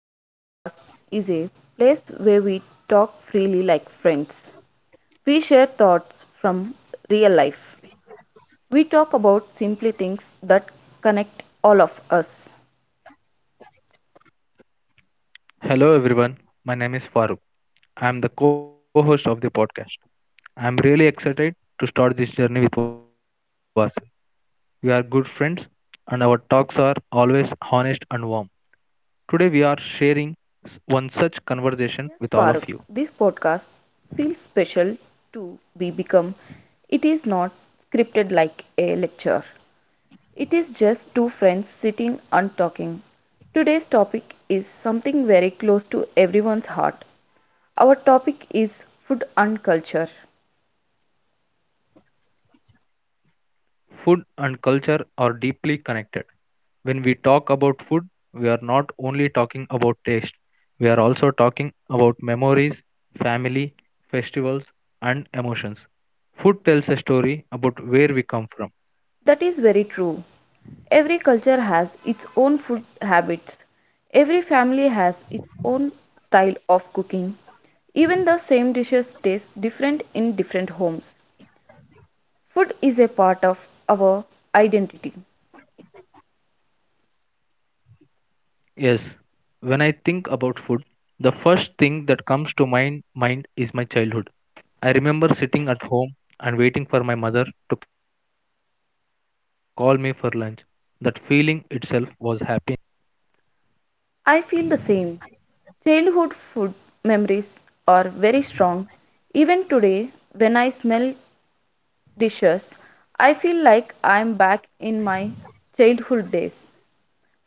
This podcast is a place where we talk freely like friends. We share thoughts from real life. We talk about simply things that connect all of us. Hello everyone, my name is Farooq. I am the co-host of the podcast. I am really excited to start this journey with Vasu. We are good friends and our talks are always honest and warm. Today we are sharing one such conversation with all of Yes, you. Farooq, this podcast feels special to be become. It is not scripted like a lecture. It is just two friends sitting and talking. Today's topic is something very close to everyone's heart. Our topic is food and culture. Food and culture are deeply connected. When we talk about food, we are not only talking about taste, we are also talking about memories, family, festivals, and emotions. Food tells a story about where we come from. That is very true. Every culture has its own food habits. Every family has its own style of cooking. Even the same dishes taste different in different homes. Food is a part of our identity. Yes, when I think about food, the first thing that comes to my mind is my childhood. I remember sitting at home and waiting for my mother to call me for lunch. That feeling itself was happiness. I feel the same. Childhood food memories are very strong. Even today, when I smell dishes, I feel like I am back in my childhood days.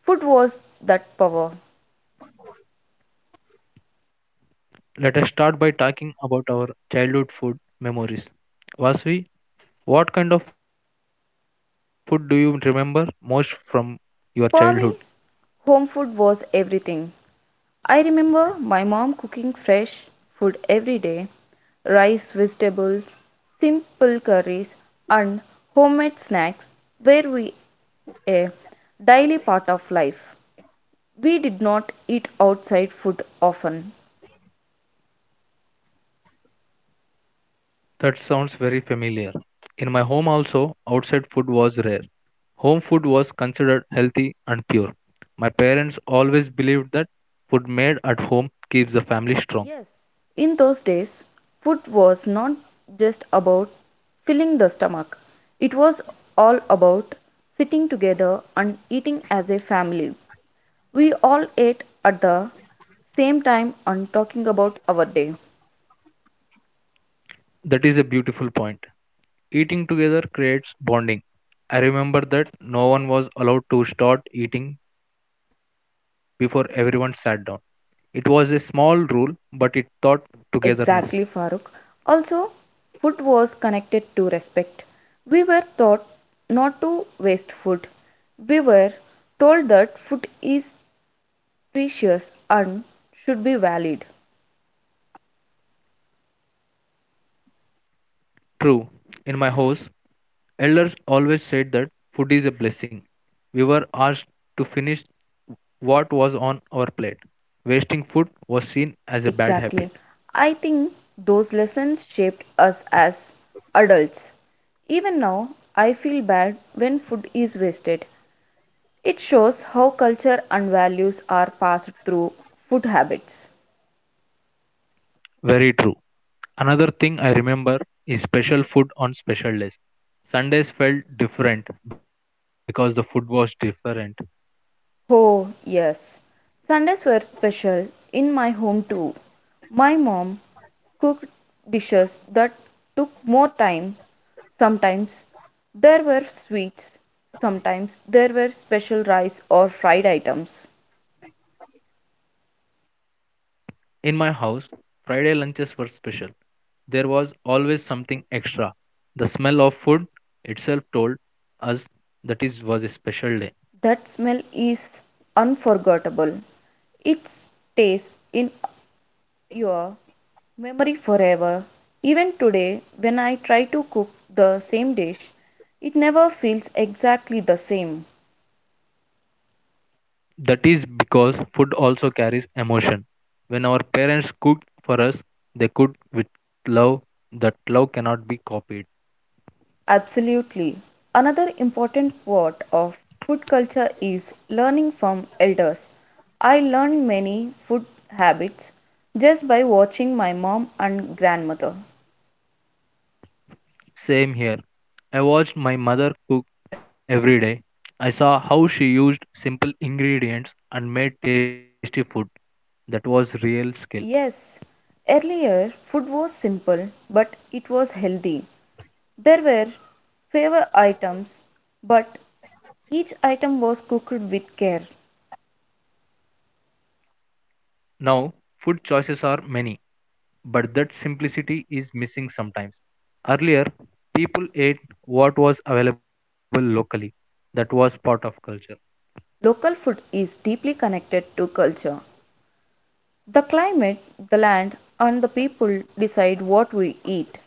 Food was that power. Let us start by talking about our childhood food memories. Vasvi, what kind of food do you remember most from your childhood? For me, home food was everything. I remember my mom cooking fresh food every day rice, vegetables, simple curries, and homemade snacks were we a daily part of life. We did not eat outside food often. That sounds very familiar. In my home, also, outside food was rare. Home food was considered healthy and pure. My parents always believed that food made at home keeps the family strong. Yes, in those days, food was not just about filling the stomach, it was all about sitting together and eating as a family. We all ate at the same time and talking about our day. That is a beautiful point. Eating together creates bonding. I remember that no one was allowed to start eating before everyone sat down. It was a small rule, but it taught togetherness. Exactly, Farooq. Also, food was connected to respect. We were taught not to waste food. We were told that food is precious and should be valued. True, in my house, elders always said that food is a blessing. We were asked to finish what was on our plate. Wasting food was seen as a bad habit. Exactly. I think those lessons shaped us as adults. Even now, I feel bad when food is wasted. It shows how culture and values are passed through food habits. Very true. Another thing I remember is special food on special days. Sundays felt different because the food was different. Oh, yes. Sundays were special in my home too. My mom cooked dishes that took more time. Sometimes there were sweets, sometimes there were special rice or fried items. In my house, Friday lunches were special. There was always something extra. The smell of food itself told us that is was a special day. That smell is unforgettable. It stays in your memory forever. Even today, when I try to cook the same dish, it never feels exactly the same. That is because food also carries emotion. When our parents cooked for us, they cooked with love that love cannot be copied. Absolutely. Another important part of food culture is learning from elders. I learned many food habits just by watching my mom and grandmother. Same here. I watched my mother cook every day. I saw how she used simple ingredients and made tasty food. That was real skill. Yes, earlier food was simple, but it was healthy. There were favor items, but each item was cooked with care. Now, food choices are many, but that simplicity is missing sometimes. Earlier, people ate what was available locally. That was part of culture. Local food is deeply connected to culture. The climate, the land, and the people decide what we eat.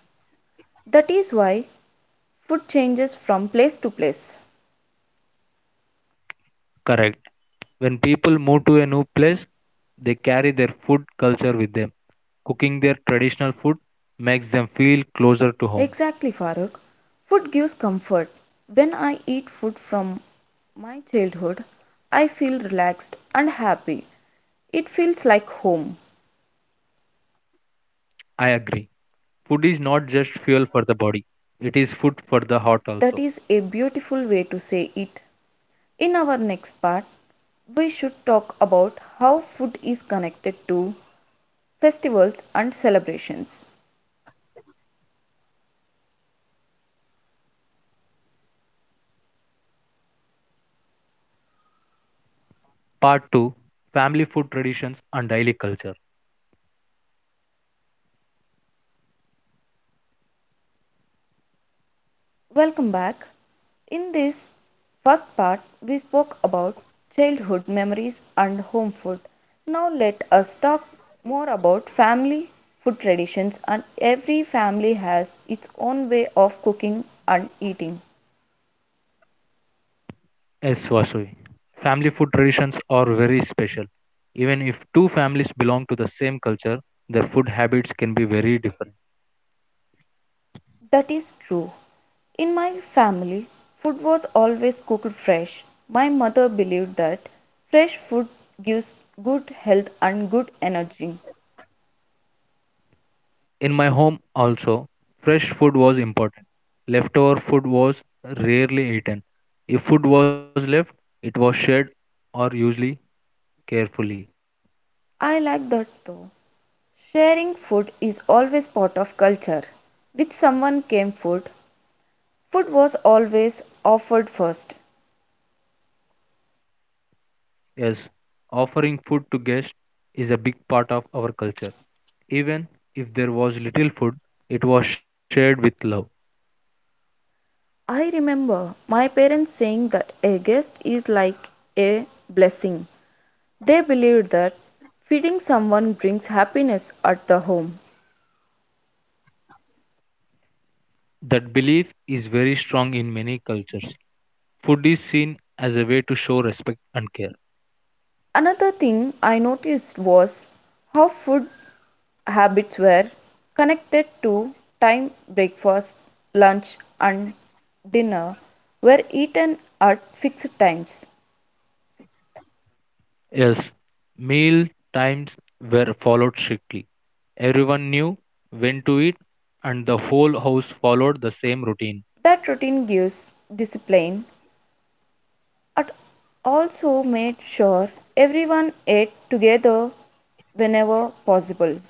That is why food changes from place to place. Correct. When people move to a new place, they carry their food culture with them. Cooking their traditional food makes them feel closer to home. Exactly, Farooq. Food gives comfort. When I eat food from my childhood I feel relaxed and happy. It feels like home. I agree. Food is not just fuel for the body, it is food for the heart also. That is a beautiful way to say it. In our next part we should talk about how food is connected to festivals and celebrations. Part 2. Family Food Traditions and Daily Culture. Welcome back. In this first part, we spoke about childhood memories and home food. Now, let us talk more about family food traditions, and every family has its own way of cooking and eating. Yes, Vasavi. Family food traditions are very special. Even if two families belong to the same culture, their food habits can be very different. That is true. In my family, food was always cooked fresh. My mother believed that fresh food gives good health and good energy. In my home, also, fresh food was important. Leftover food was rarely eaten. If food was left, it was shared or usually carefully. I like that though. Sharing food is always part of culture. With someone came food, food was always offered first. Yes, offering food to guests is a big part of our culture. Even if there was little food, it was shared with love. I remember my parents saying that a guest is like a blessing. They believed that feeding someone brings happiness at the home. That belief is very strong in many cultures. Food is seen as a way to show respect and care. Another thing I noticed was how food habits were connected to time breakfast, lunch, and dinner were eaten at fixed times. Yes, meal times were followed strictly. Everyone knew when to eat, and the whole house followed the same routine. That routine gives discipline and also made sure everyone ate together whenever possible.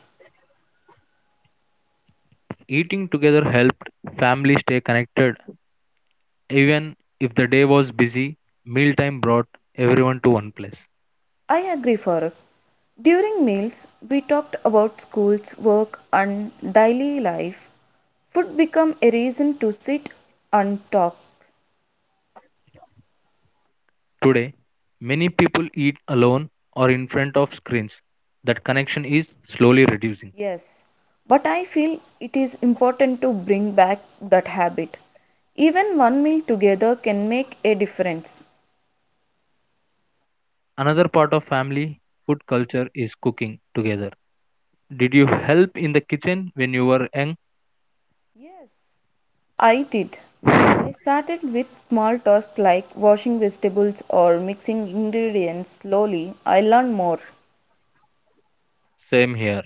Eating together helped families stay connected, even if the day was busy. Mealtime brought everyone to one place. I agree, Farooq. During meals, we talked about schools, work, and daily life. Food became a reason to sit and talk. Today, many people eat alone or in front of screens. That connection is slowly reducing. Yes, but I feel it is important to bring back that habit. Even one meal together can make a difference. Another part of family food culture is cooking together. Did you help in the kitchen when you were young? Yes, I did. I started with small tasks like washing vegetables or mixing ingredients slowly. I learned more. Same here.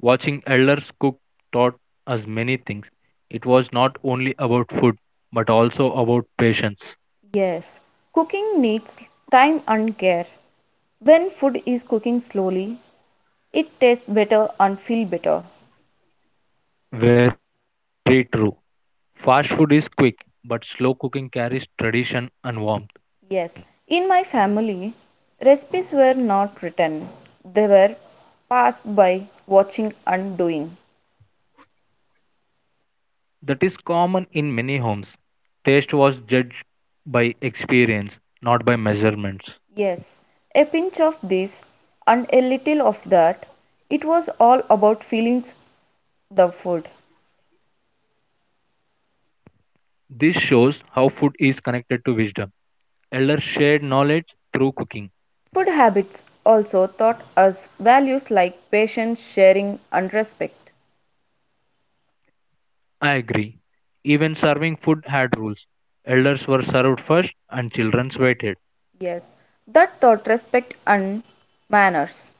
Watching elders cook taught us many things. It was not only about food, but also about patience. Yes, cooking needs time and care. When food is cooking slowly, it tastes better and feels better. Very true. Fast food is quick, but slow cooking carries tradition and warmth. Yes, in my family, recipes were not written. They were passed by watching and doing. That is common in many homes. Taste was judged by experience, not by measurements. Yes, a pinch of this and a little of that. It was all about feelings the food. This shows how food is connected to wisdom. Elders shared knowledge through cooking. Food habits also taught us values like patience, sharing, and respect. I agree. Even serving food had rules. Elders were served first and children waited. Yes, that taught respect and manners.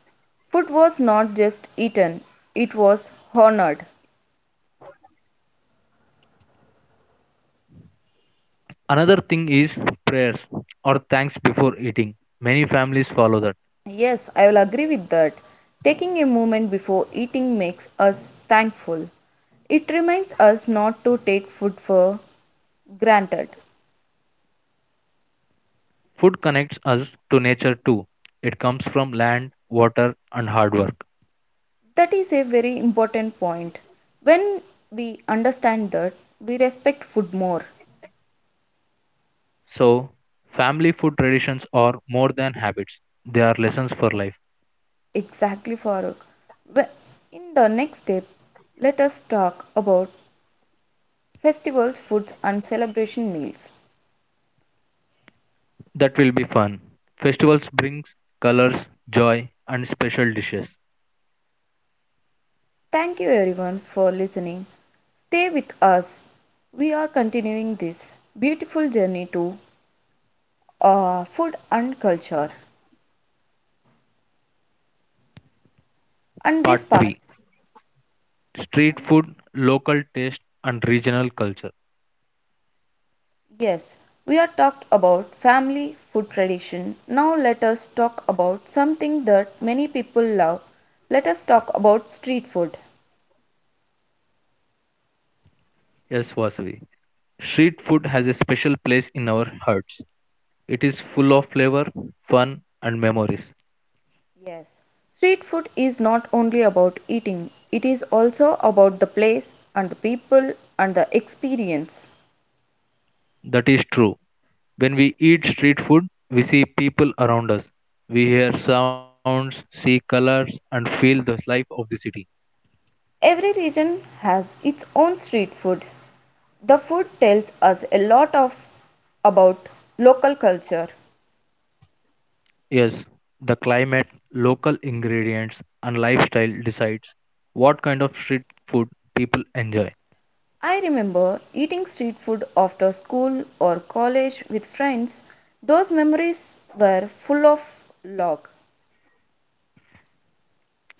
Food was not just eaten, it was honored. Another thing is prayers or thanks before eating. Many families follow that. Yes, I will agree with that. Taking a moment before eating makes us thankful. It reminds us not to take food for granted. Food connects us to nature too. It comes from land, water, and hard work. That is a very important point. When we understand that, we respect food more. So, family food traditions are more than habits, they are lessons for life. Exactly, Farooq. Well, in the next step, let us talk about festivals, foods, and celebration meals. That will be fun. Festivals brings colors, joy, and special dishes. Thank you, everyone, for listening. Stay with us. We are continuing this beautiful journey to food and culture. And this part, Part 3. Street food, local taste, and regional culture. and yes, we are talked about family food tradition. Now, let us talk about something that many people love. Let us talk about street food. Yes, Vasavi. Street food has a special place in our hearts. It is full of flavor, fun, and memories. Yes, street food is not only about eating, it is also about the place and the people and the experience. That is true. When we eat street food, we see people around us. We hear sounds, see colors, and feel the life of the city. Every region has its own street food. The food tells us a lot of about local culture. Yes, the climate, local ingredients, and lifestyle decides what kind of street food people enjoy. I remember eating street food after school or college with friends. Those memories were full of love.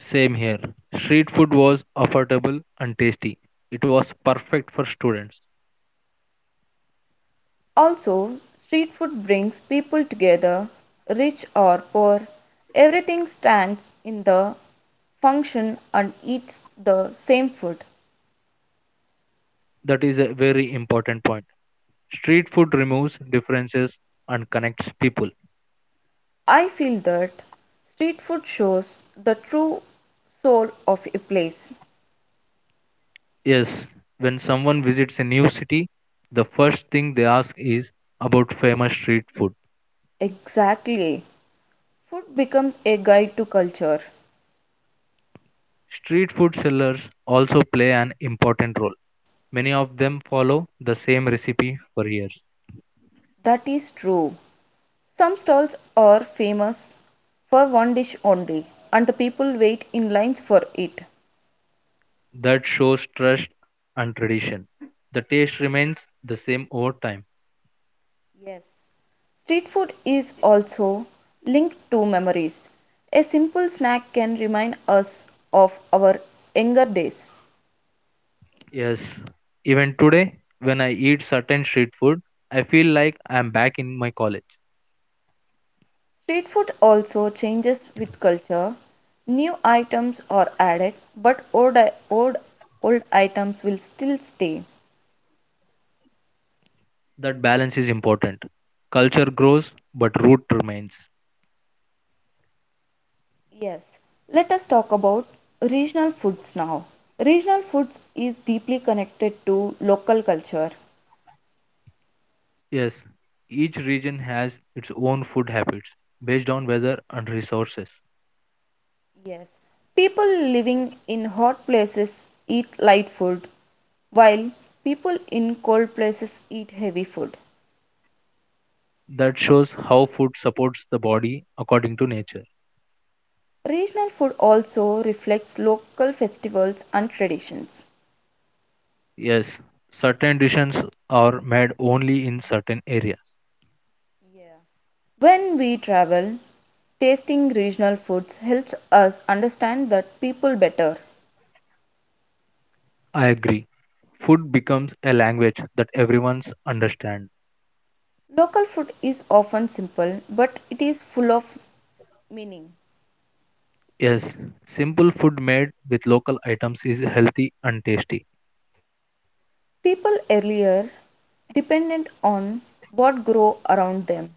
Same here. Street food was affordable and tasty. It was perfect for students. Also, street food brings people together, rich or poor, everything stands in the function and eats the same food. That is a very important point. Street food removes differences and connects people. I feel that street food shows the true soul of a place. Yes, when someone visits a new city, the first thing they ask is about famous street food. Exactly. Food becomes a guide to culture. Street food sellers also play an important role. Many of them follow the same recipe for years. That is true. Some stalls are famous for one dish only, and the people wait in lines for it. That shows trust and tradition. The taste remains the same over time. Yes, street food is also linked to memories. A simple snack can remind us of our younger days. Yes, even today, when I eat certain street food, I feel like I am back in my college. Street food also changes with culture. New items are added, but old, old items will still stay. That balance is important. Culture grows, but root remains. Yes, let us talk about regional foods now. Regional foods is deeply connected to local culture. Yes, each region has its own food habits based on weather and resources. Yes, people living in hot places eat light food, while people in cold places eat heavy food. That shows how food supports the body according to nature. Regional food also reflects local festivals and traditions. Yes, certain dishes are made only in certain areas. Yeah. When we travel, tasting regional foods helps us understand that people better. I agree. Food becomes a language that everyone understands. Local food is often simple, but it is full of meaning. Yes, simple food made with local items is healthy and tasty. People earlier depended on what grow around them.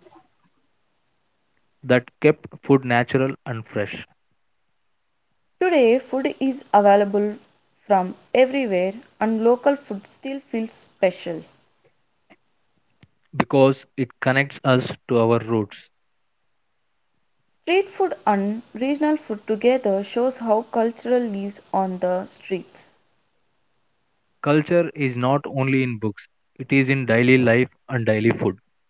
That kept food natural and fresh Today, food is available from everywhere, and local food still feels special. because it connects us to our roots. Street food and regional food together shows how culture lives on the streets. Culture is not only in books, it is in daily life and daily food.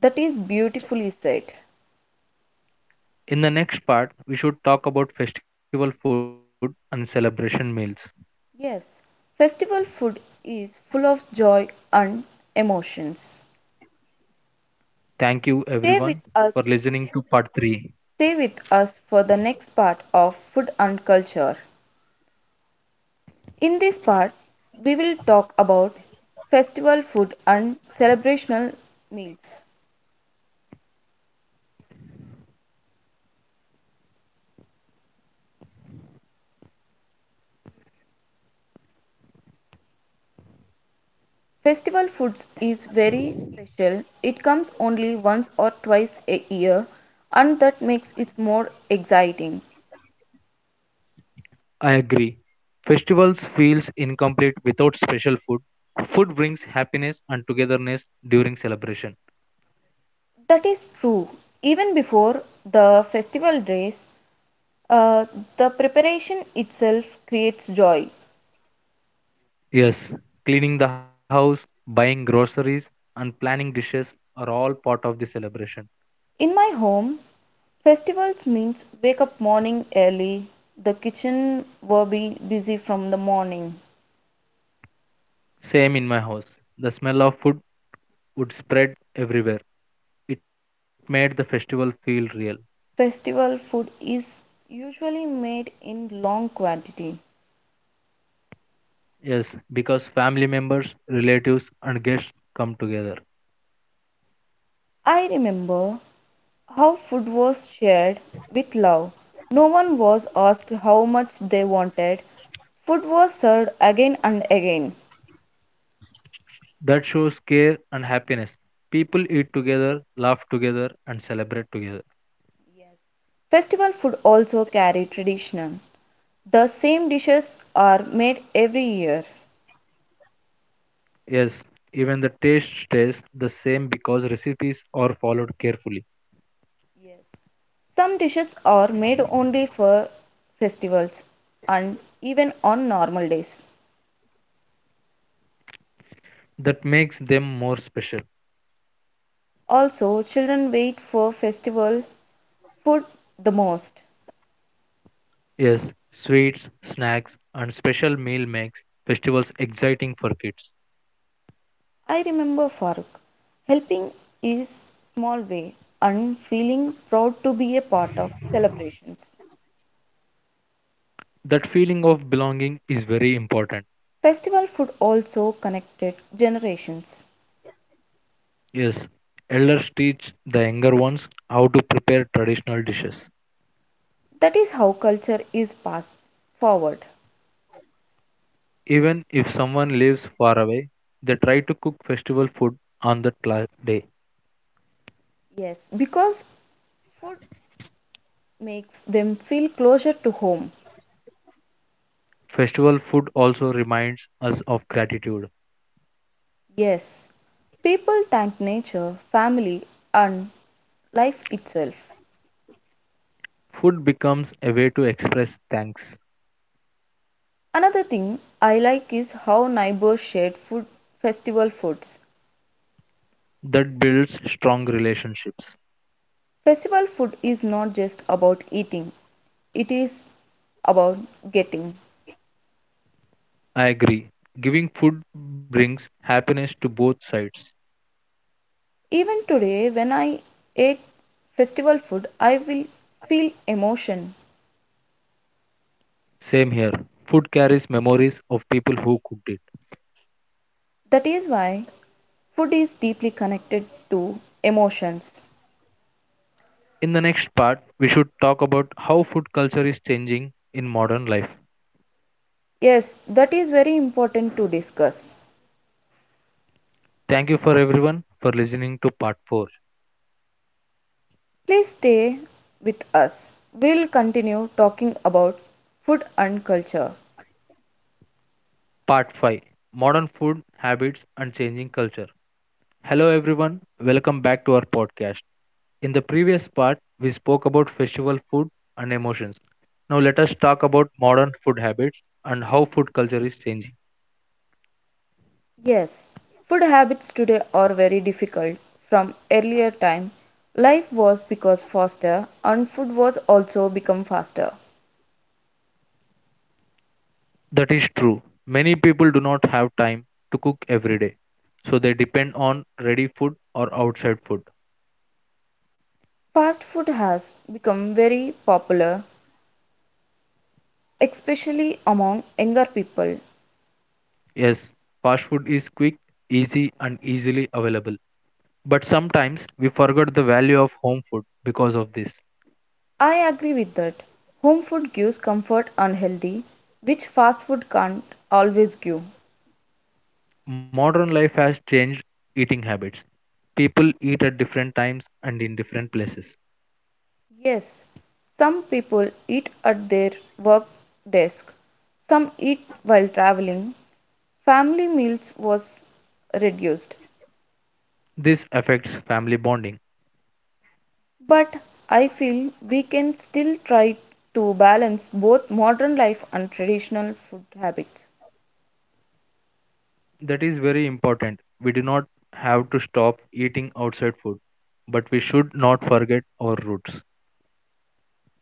That is beautifully said. In the next part, we should talk about festival food and celebration meals. Yes, festival food is full of joy and emotions. Thank you Stay everyone with for us, listening to part 3. stay with us for the next part of food and culture. In this part, we will talk about festival food and celebrational meals. Festival foods is very special. It comes only once or twice a year and that makes it more exciting. I agree. Festivals feels incomplete without special food. Food brings happiness and togetherness during celebration. That is true. Even before the festival days, uh, the preparation itself creates joy. Yes, cleaning the house, buying groceries, and planning dishes are all part of the celebration. In my home, festivals means wake up morning early. The kitchen will be busy from the morning. Same in my house. The smell of food would spread everywhere. It made the festival feel real. Festival food is usually made in long quantity. Yes, because family members, relatives, and guests come together. I remember how food was shared with love. No one was asked how much they wanted. Food was served again and again. That shows care and happiness. People eat together, laugh together, and celebrate together. Yes, festival food also carry tradition. The same dishes are made every year. Yes, even the taste stays the same because recipes are followed carefully. Yes, some dishes are made only for festivals and even on normal days. That makes them more special. Also, children wait for festival food the most. Yes, sweets, snacks, and special meal makes festivals exciting for kids. I remember Farooq helping his small way and feeling proud to be a part of celebrations. That feeling of belonging is very important. Festival food also connected generations. Yes, elders teach the younger ones how to prepare traditional dishes. That is how culture is passed forward. Even if someone lives far away, they try to cook festival food on that day. Yes, because food makes them feel closer to home. Festival food also reminds us of gratitude. Yes, people thank nature, family, and life itself. Food becomes a way to express thanks Another thing I like is how neighbors shared food festival foods. that builds strong relationships. Festival food is not just about eating, it is about getting. I agree. Giving food brings happiness to both sides. Even today, when I ate festival food, I will feel emotion. Same here. Food carries memories of people who cooked it. That is why food is deeply connected to emotions. In the next part, we should talk about how food culture is changing in modern life. Yes, that is very important to discuss. Thank you for everyone for listening to part 4. Please stay with us. We'll continue talking about food and culture. Part 5. Modern Food Habits and Changing Culture. Hello, everyone. Welcome back to our podcast. In the previous part, we spoke about festival food and emotions. Now, let us talk about modern food habits and how food culture is changing. Yes, food habits today are very difficult. From earlier time, life was because faster and food was also become faster. That is true. Many people do not have time to cook every day, so they depend on ready food or outside food. Fast food has become very popular, especially among younger people. Yes, fast food is quick, easy, and easily available. But sometimes we forget the value of home food because of this. I agree with that. Home food gives comfort and healthy, which fast food can't always give. Modern life has changed eating habits. People eat at different times and in different places. Yes, some people eat at their work desk, some eat while traveling, family meals was reduced. This affects family bonding. But I feel we can still try to balance both modern life and traditional food habits. That is very important. We do not have to stop eating outside food, but we should not forget our roots.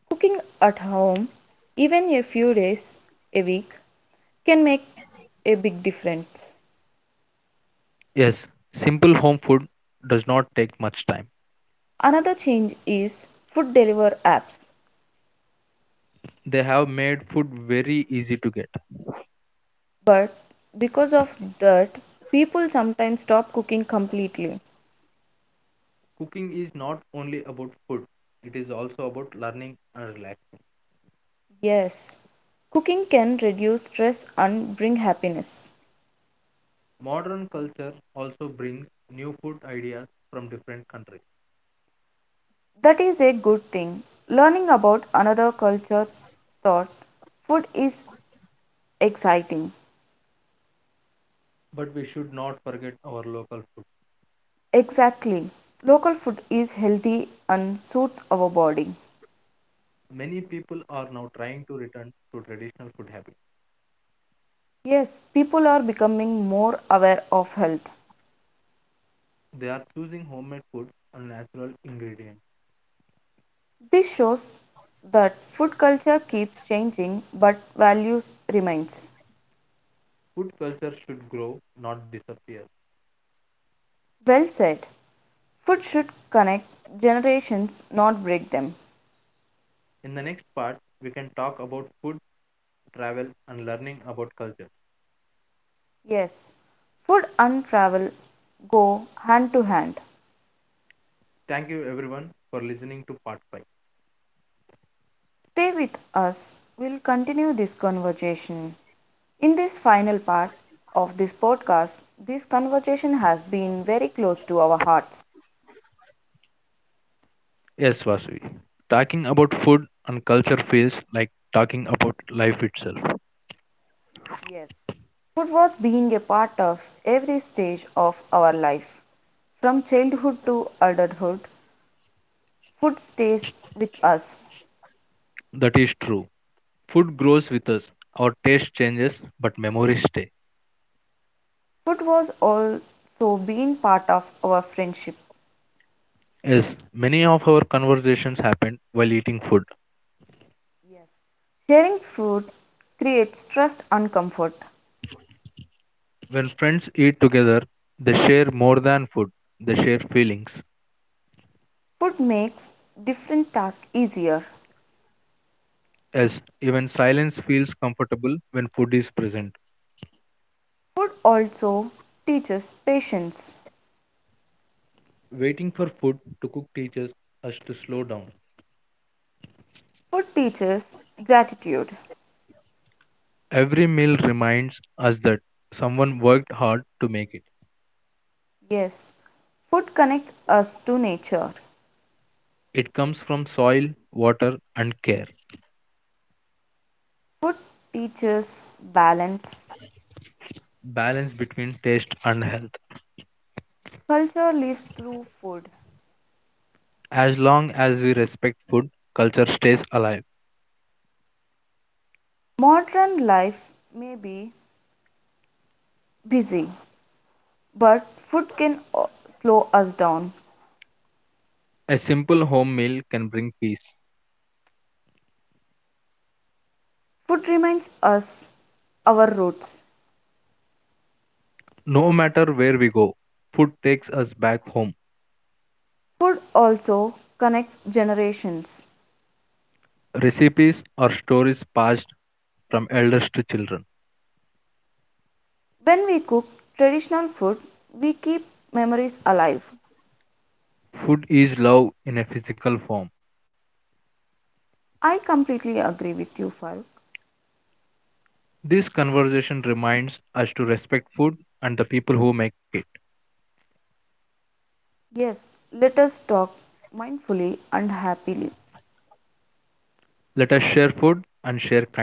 Cooking at home, even a few days a week, can make a big difference. Yes, simple home food does not take much time. Another change is food delivery apps, They have made food very easy to get. but because of that, people sometimes stop cooking completely. Cooking is not only about food, it is also about learning and relaxing. Yes, cooking can reduce stress and bring happiness. Modern culture also brings new food ideas from different countries. That is a good thing. Learning about another culture thought food is exciting. But we should not forget our local food. Exactly. Local food is healthy and suits our body. Many people are now trying to return to traditional food habits. Yes, people are becoming more aware of health. They are choosing homemade food and natural ingredients. This shows that food culture keeps changing but values remains. Food culture should grow, not disappear. Well said. Food should connect generations not break them. In the next part, we can talk about food, travel, and learning about culture. Yes. Food and travel go hand to hand. Thank you, everyone, for listening to part 5. Stay with us. We'll continue this conversation. In this final part of this podcast, this conversation has been very close to our hearts. Yes, Vasuvi. Talking about food and culture feels like talking about life itself. Yes. Food was being a part of every stage of our life. From childhood to adulthood, food stays with us. That is true. Food grows with us, our taste changes, but memories stay. Food was also being part of our friendship. Yes, many of our conversations happen while eating food. Yes. Sharing food creates trust and comfort. When friends eat together, they share more than food, they share feelings. Food makes different tasks easier. Yes, even silence feels comfortable when food is present. Food also teaches patience. Waiting for food to cook teaches us to slow down. Food teaches gratitude. Every meal reminds us that someone worked hard to make it. Yes, food connects us to nature. It comes from soil, water, and care. Food teaches balance. Balance between taste and health. Culture lives through food. As long as we respect food, culture stays alive. A simple home meal can bring peace. Food reminds us our roots. No matter where we go, food takes us back home. Food also connects generations. Recipes or stories passed from elders to children. When we cook traditional food, we keep memories alive. Food is love in a physical form. I completely agree with you, Farooq. This conversation reminds us to respect food and the people who make it. Yes, let us talk mindfully and happily. Let us share food and share kindness.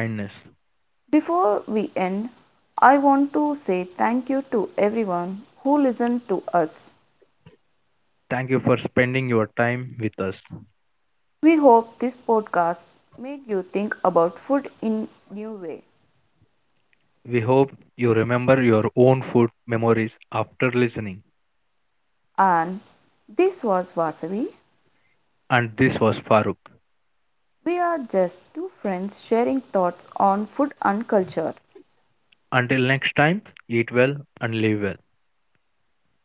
Before we end, I want to say thank you to everyone who listened to us. Thank you for spending your time with us. We hope this podcast made you think about food in a new way. We hope you remember your own food memories after listening. And this was Vasavi. And this was Farooq. We are just two friends sharing thoughts on food and culture. Until next time, eat well and live well.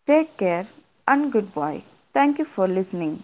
Take care and goodbye. Thank you for listening.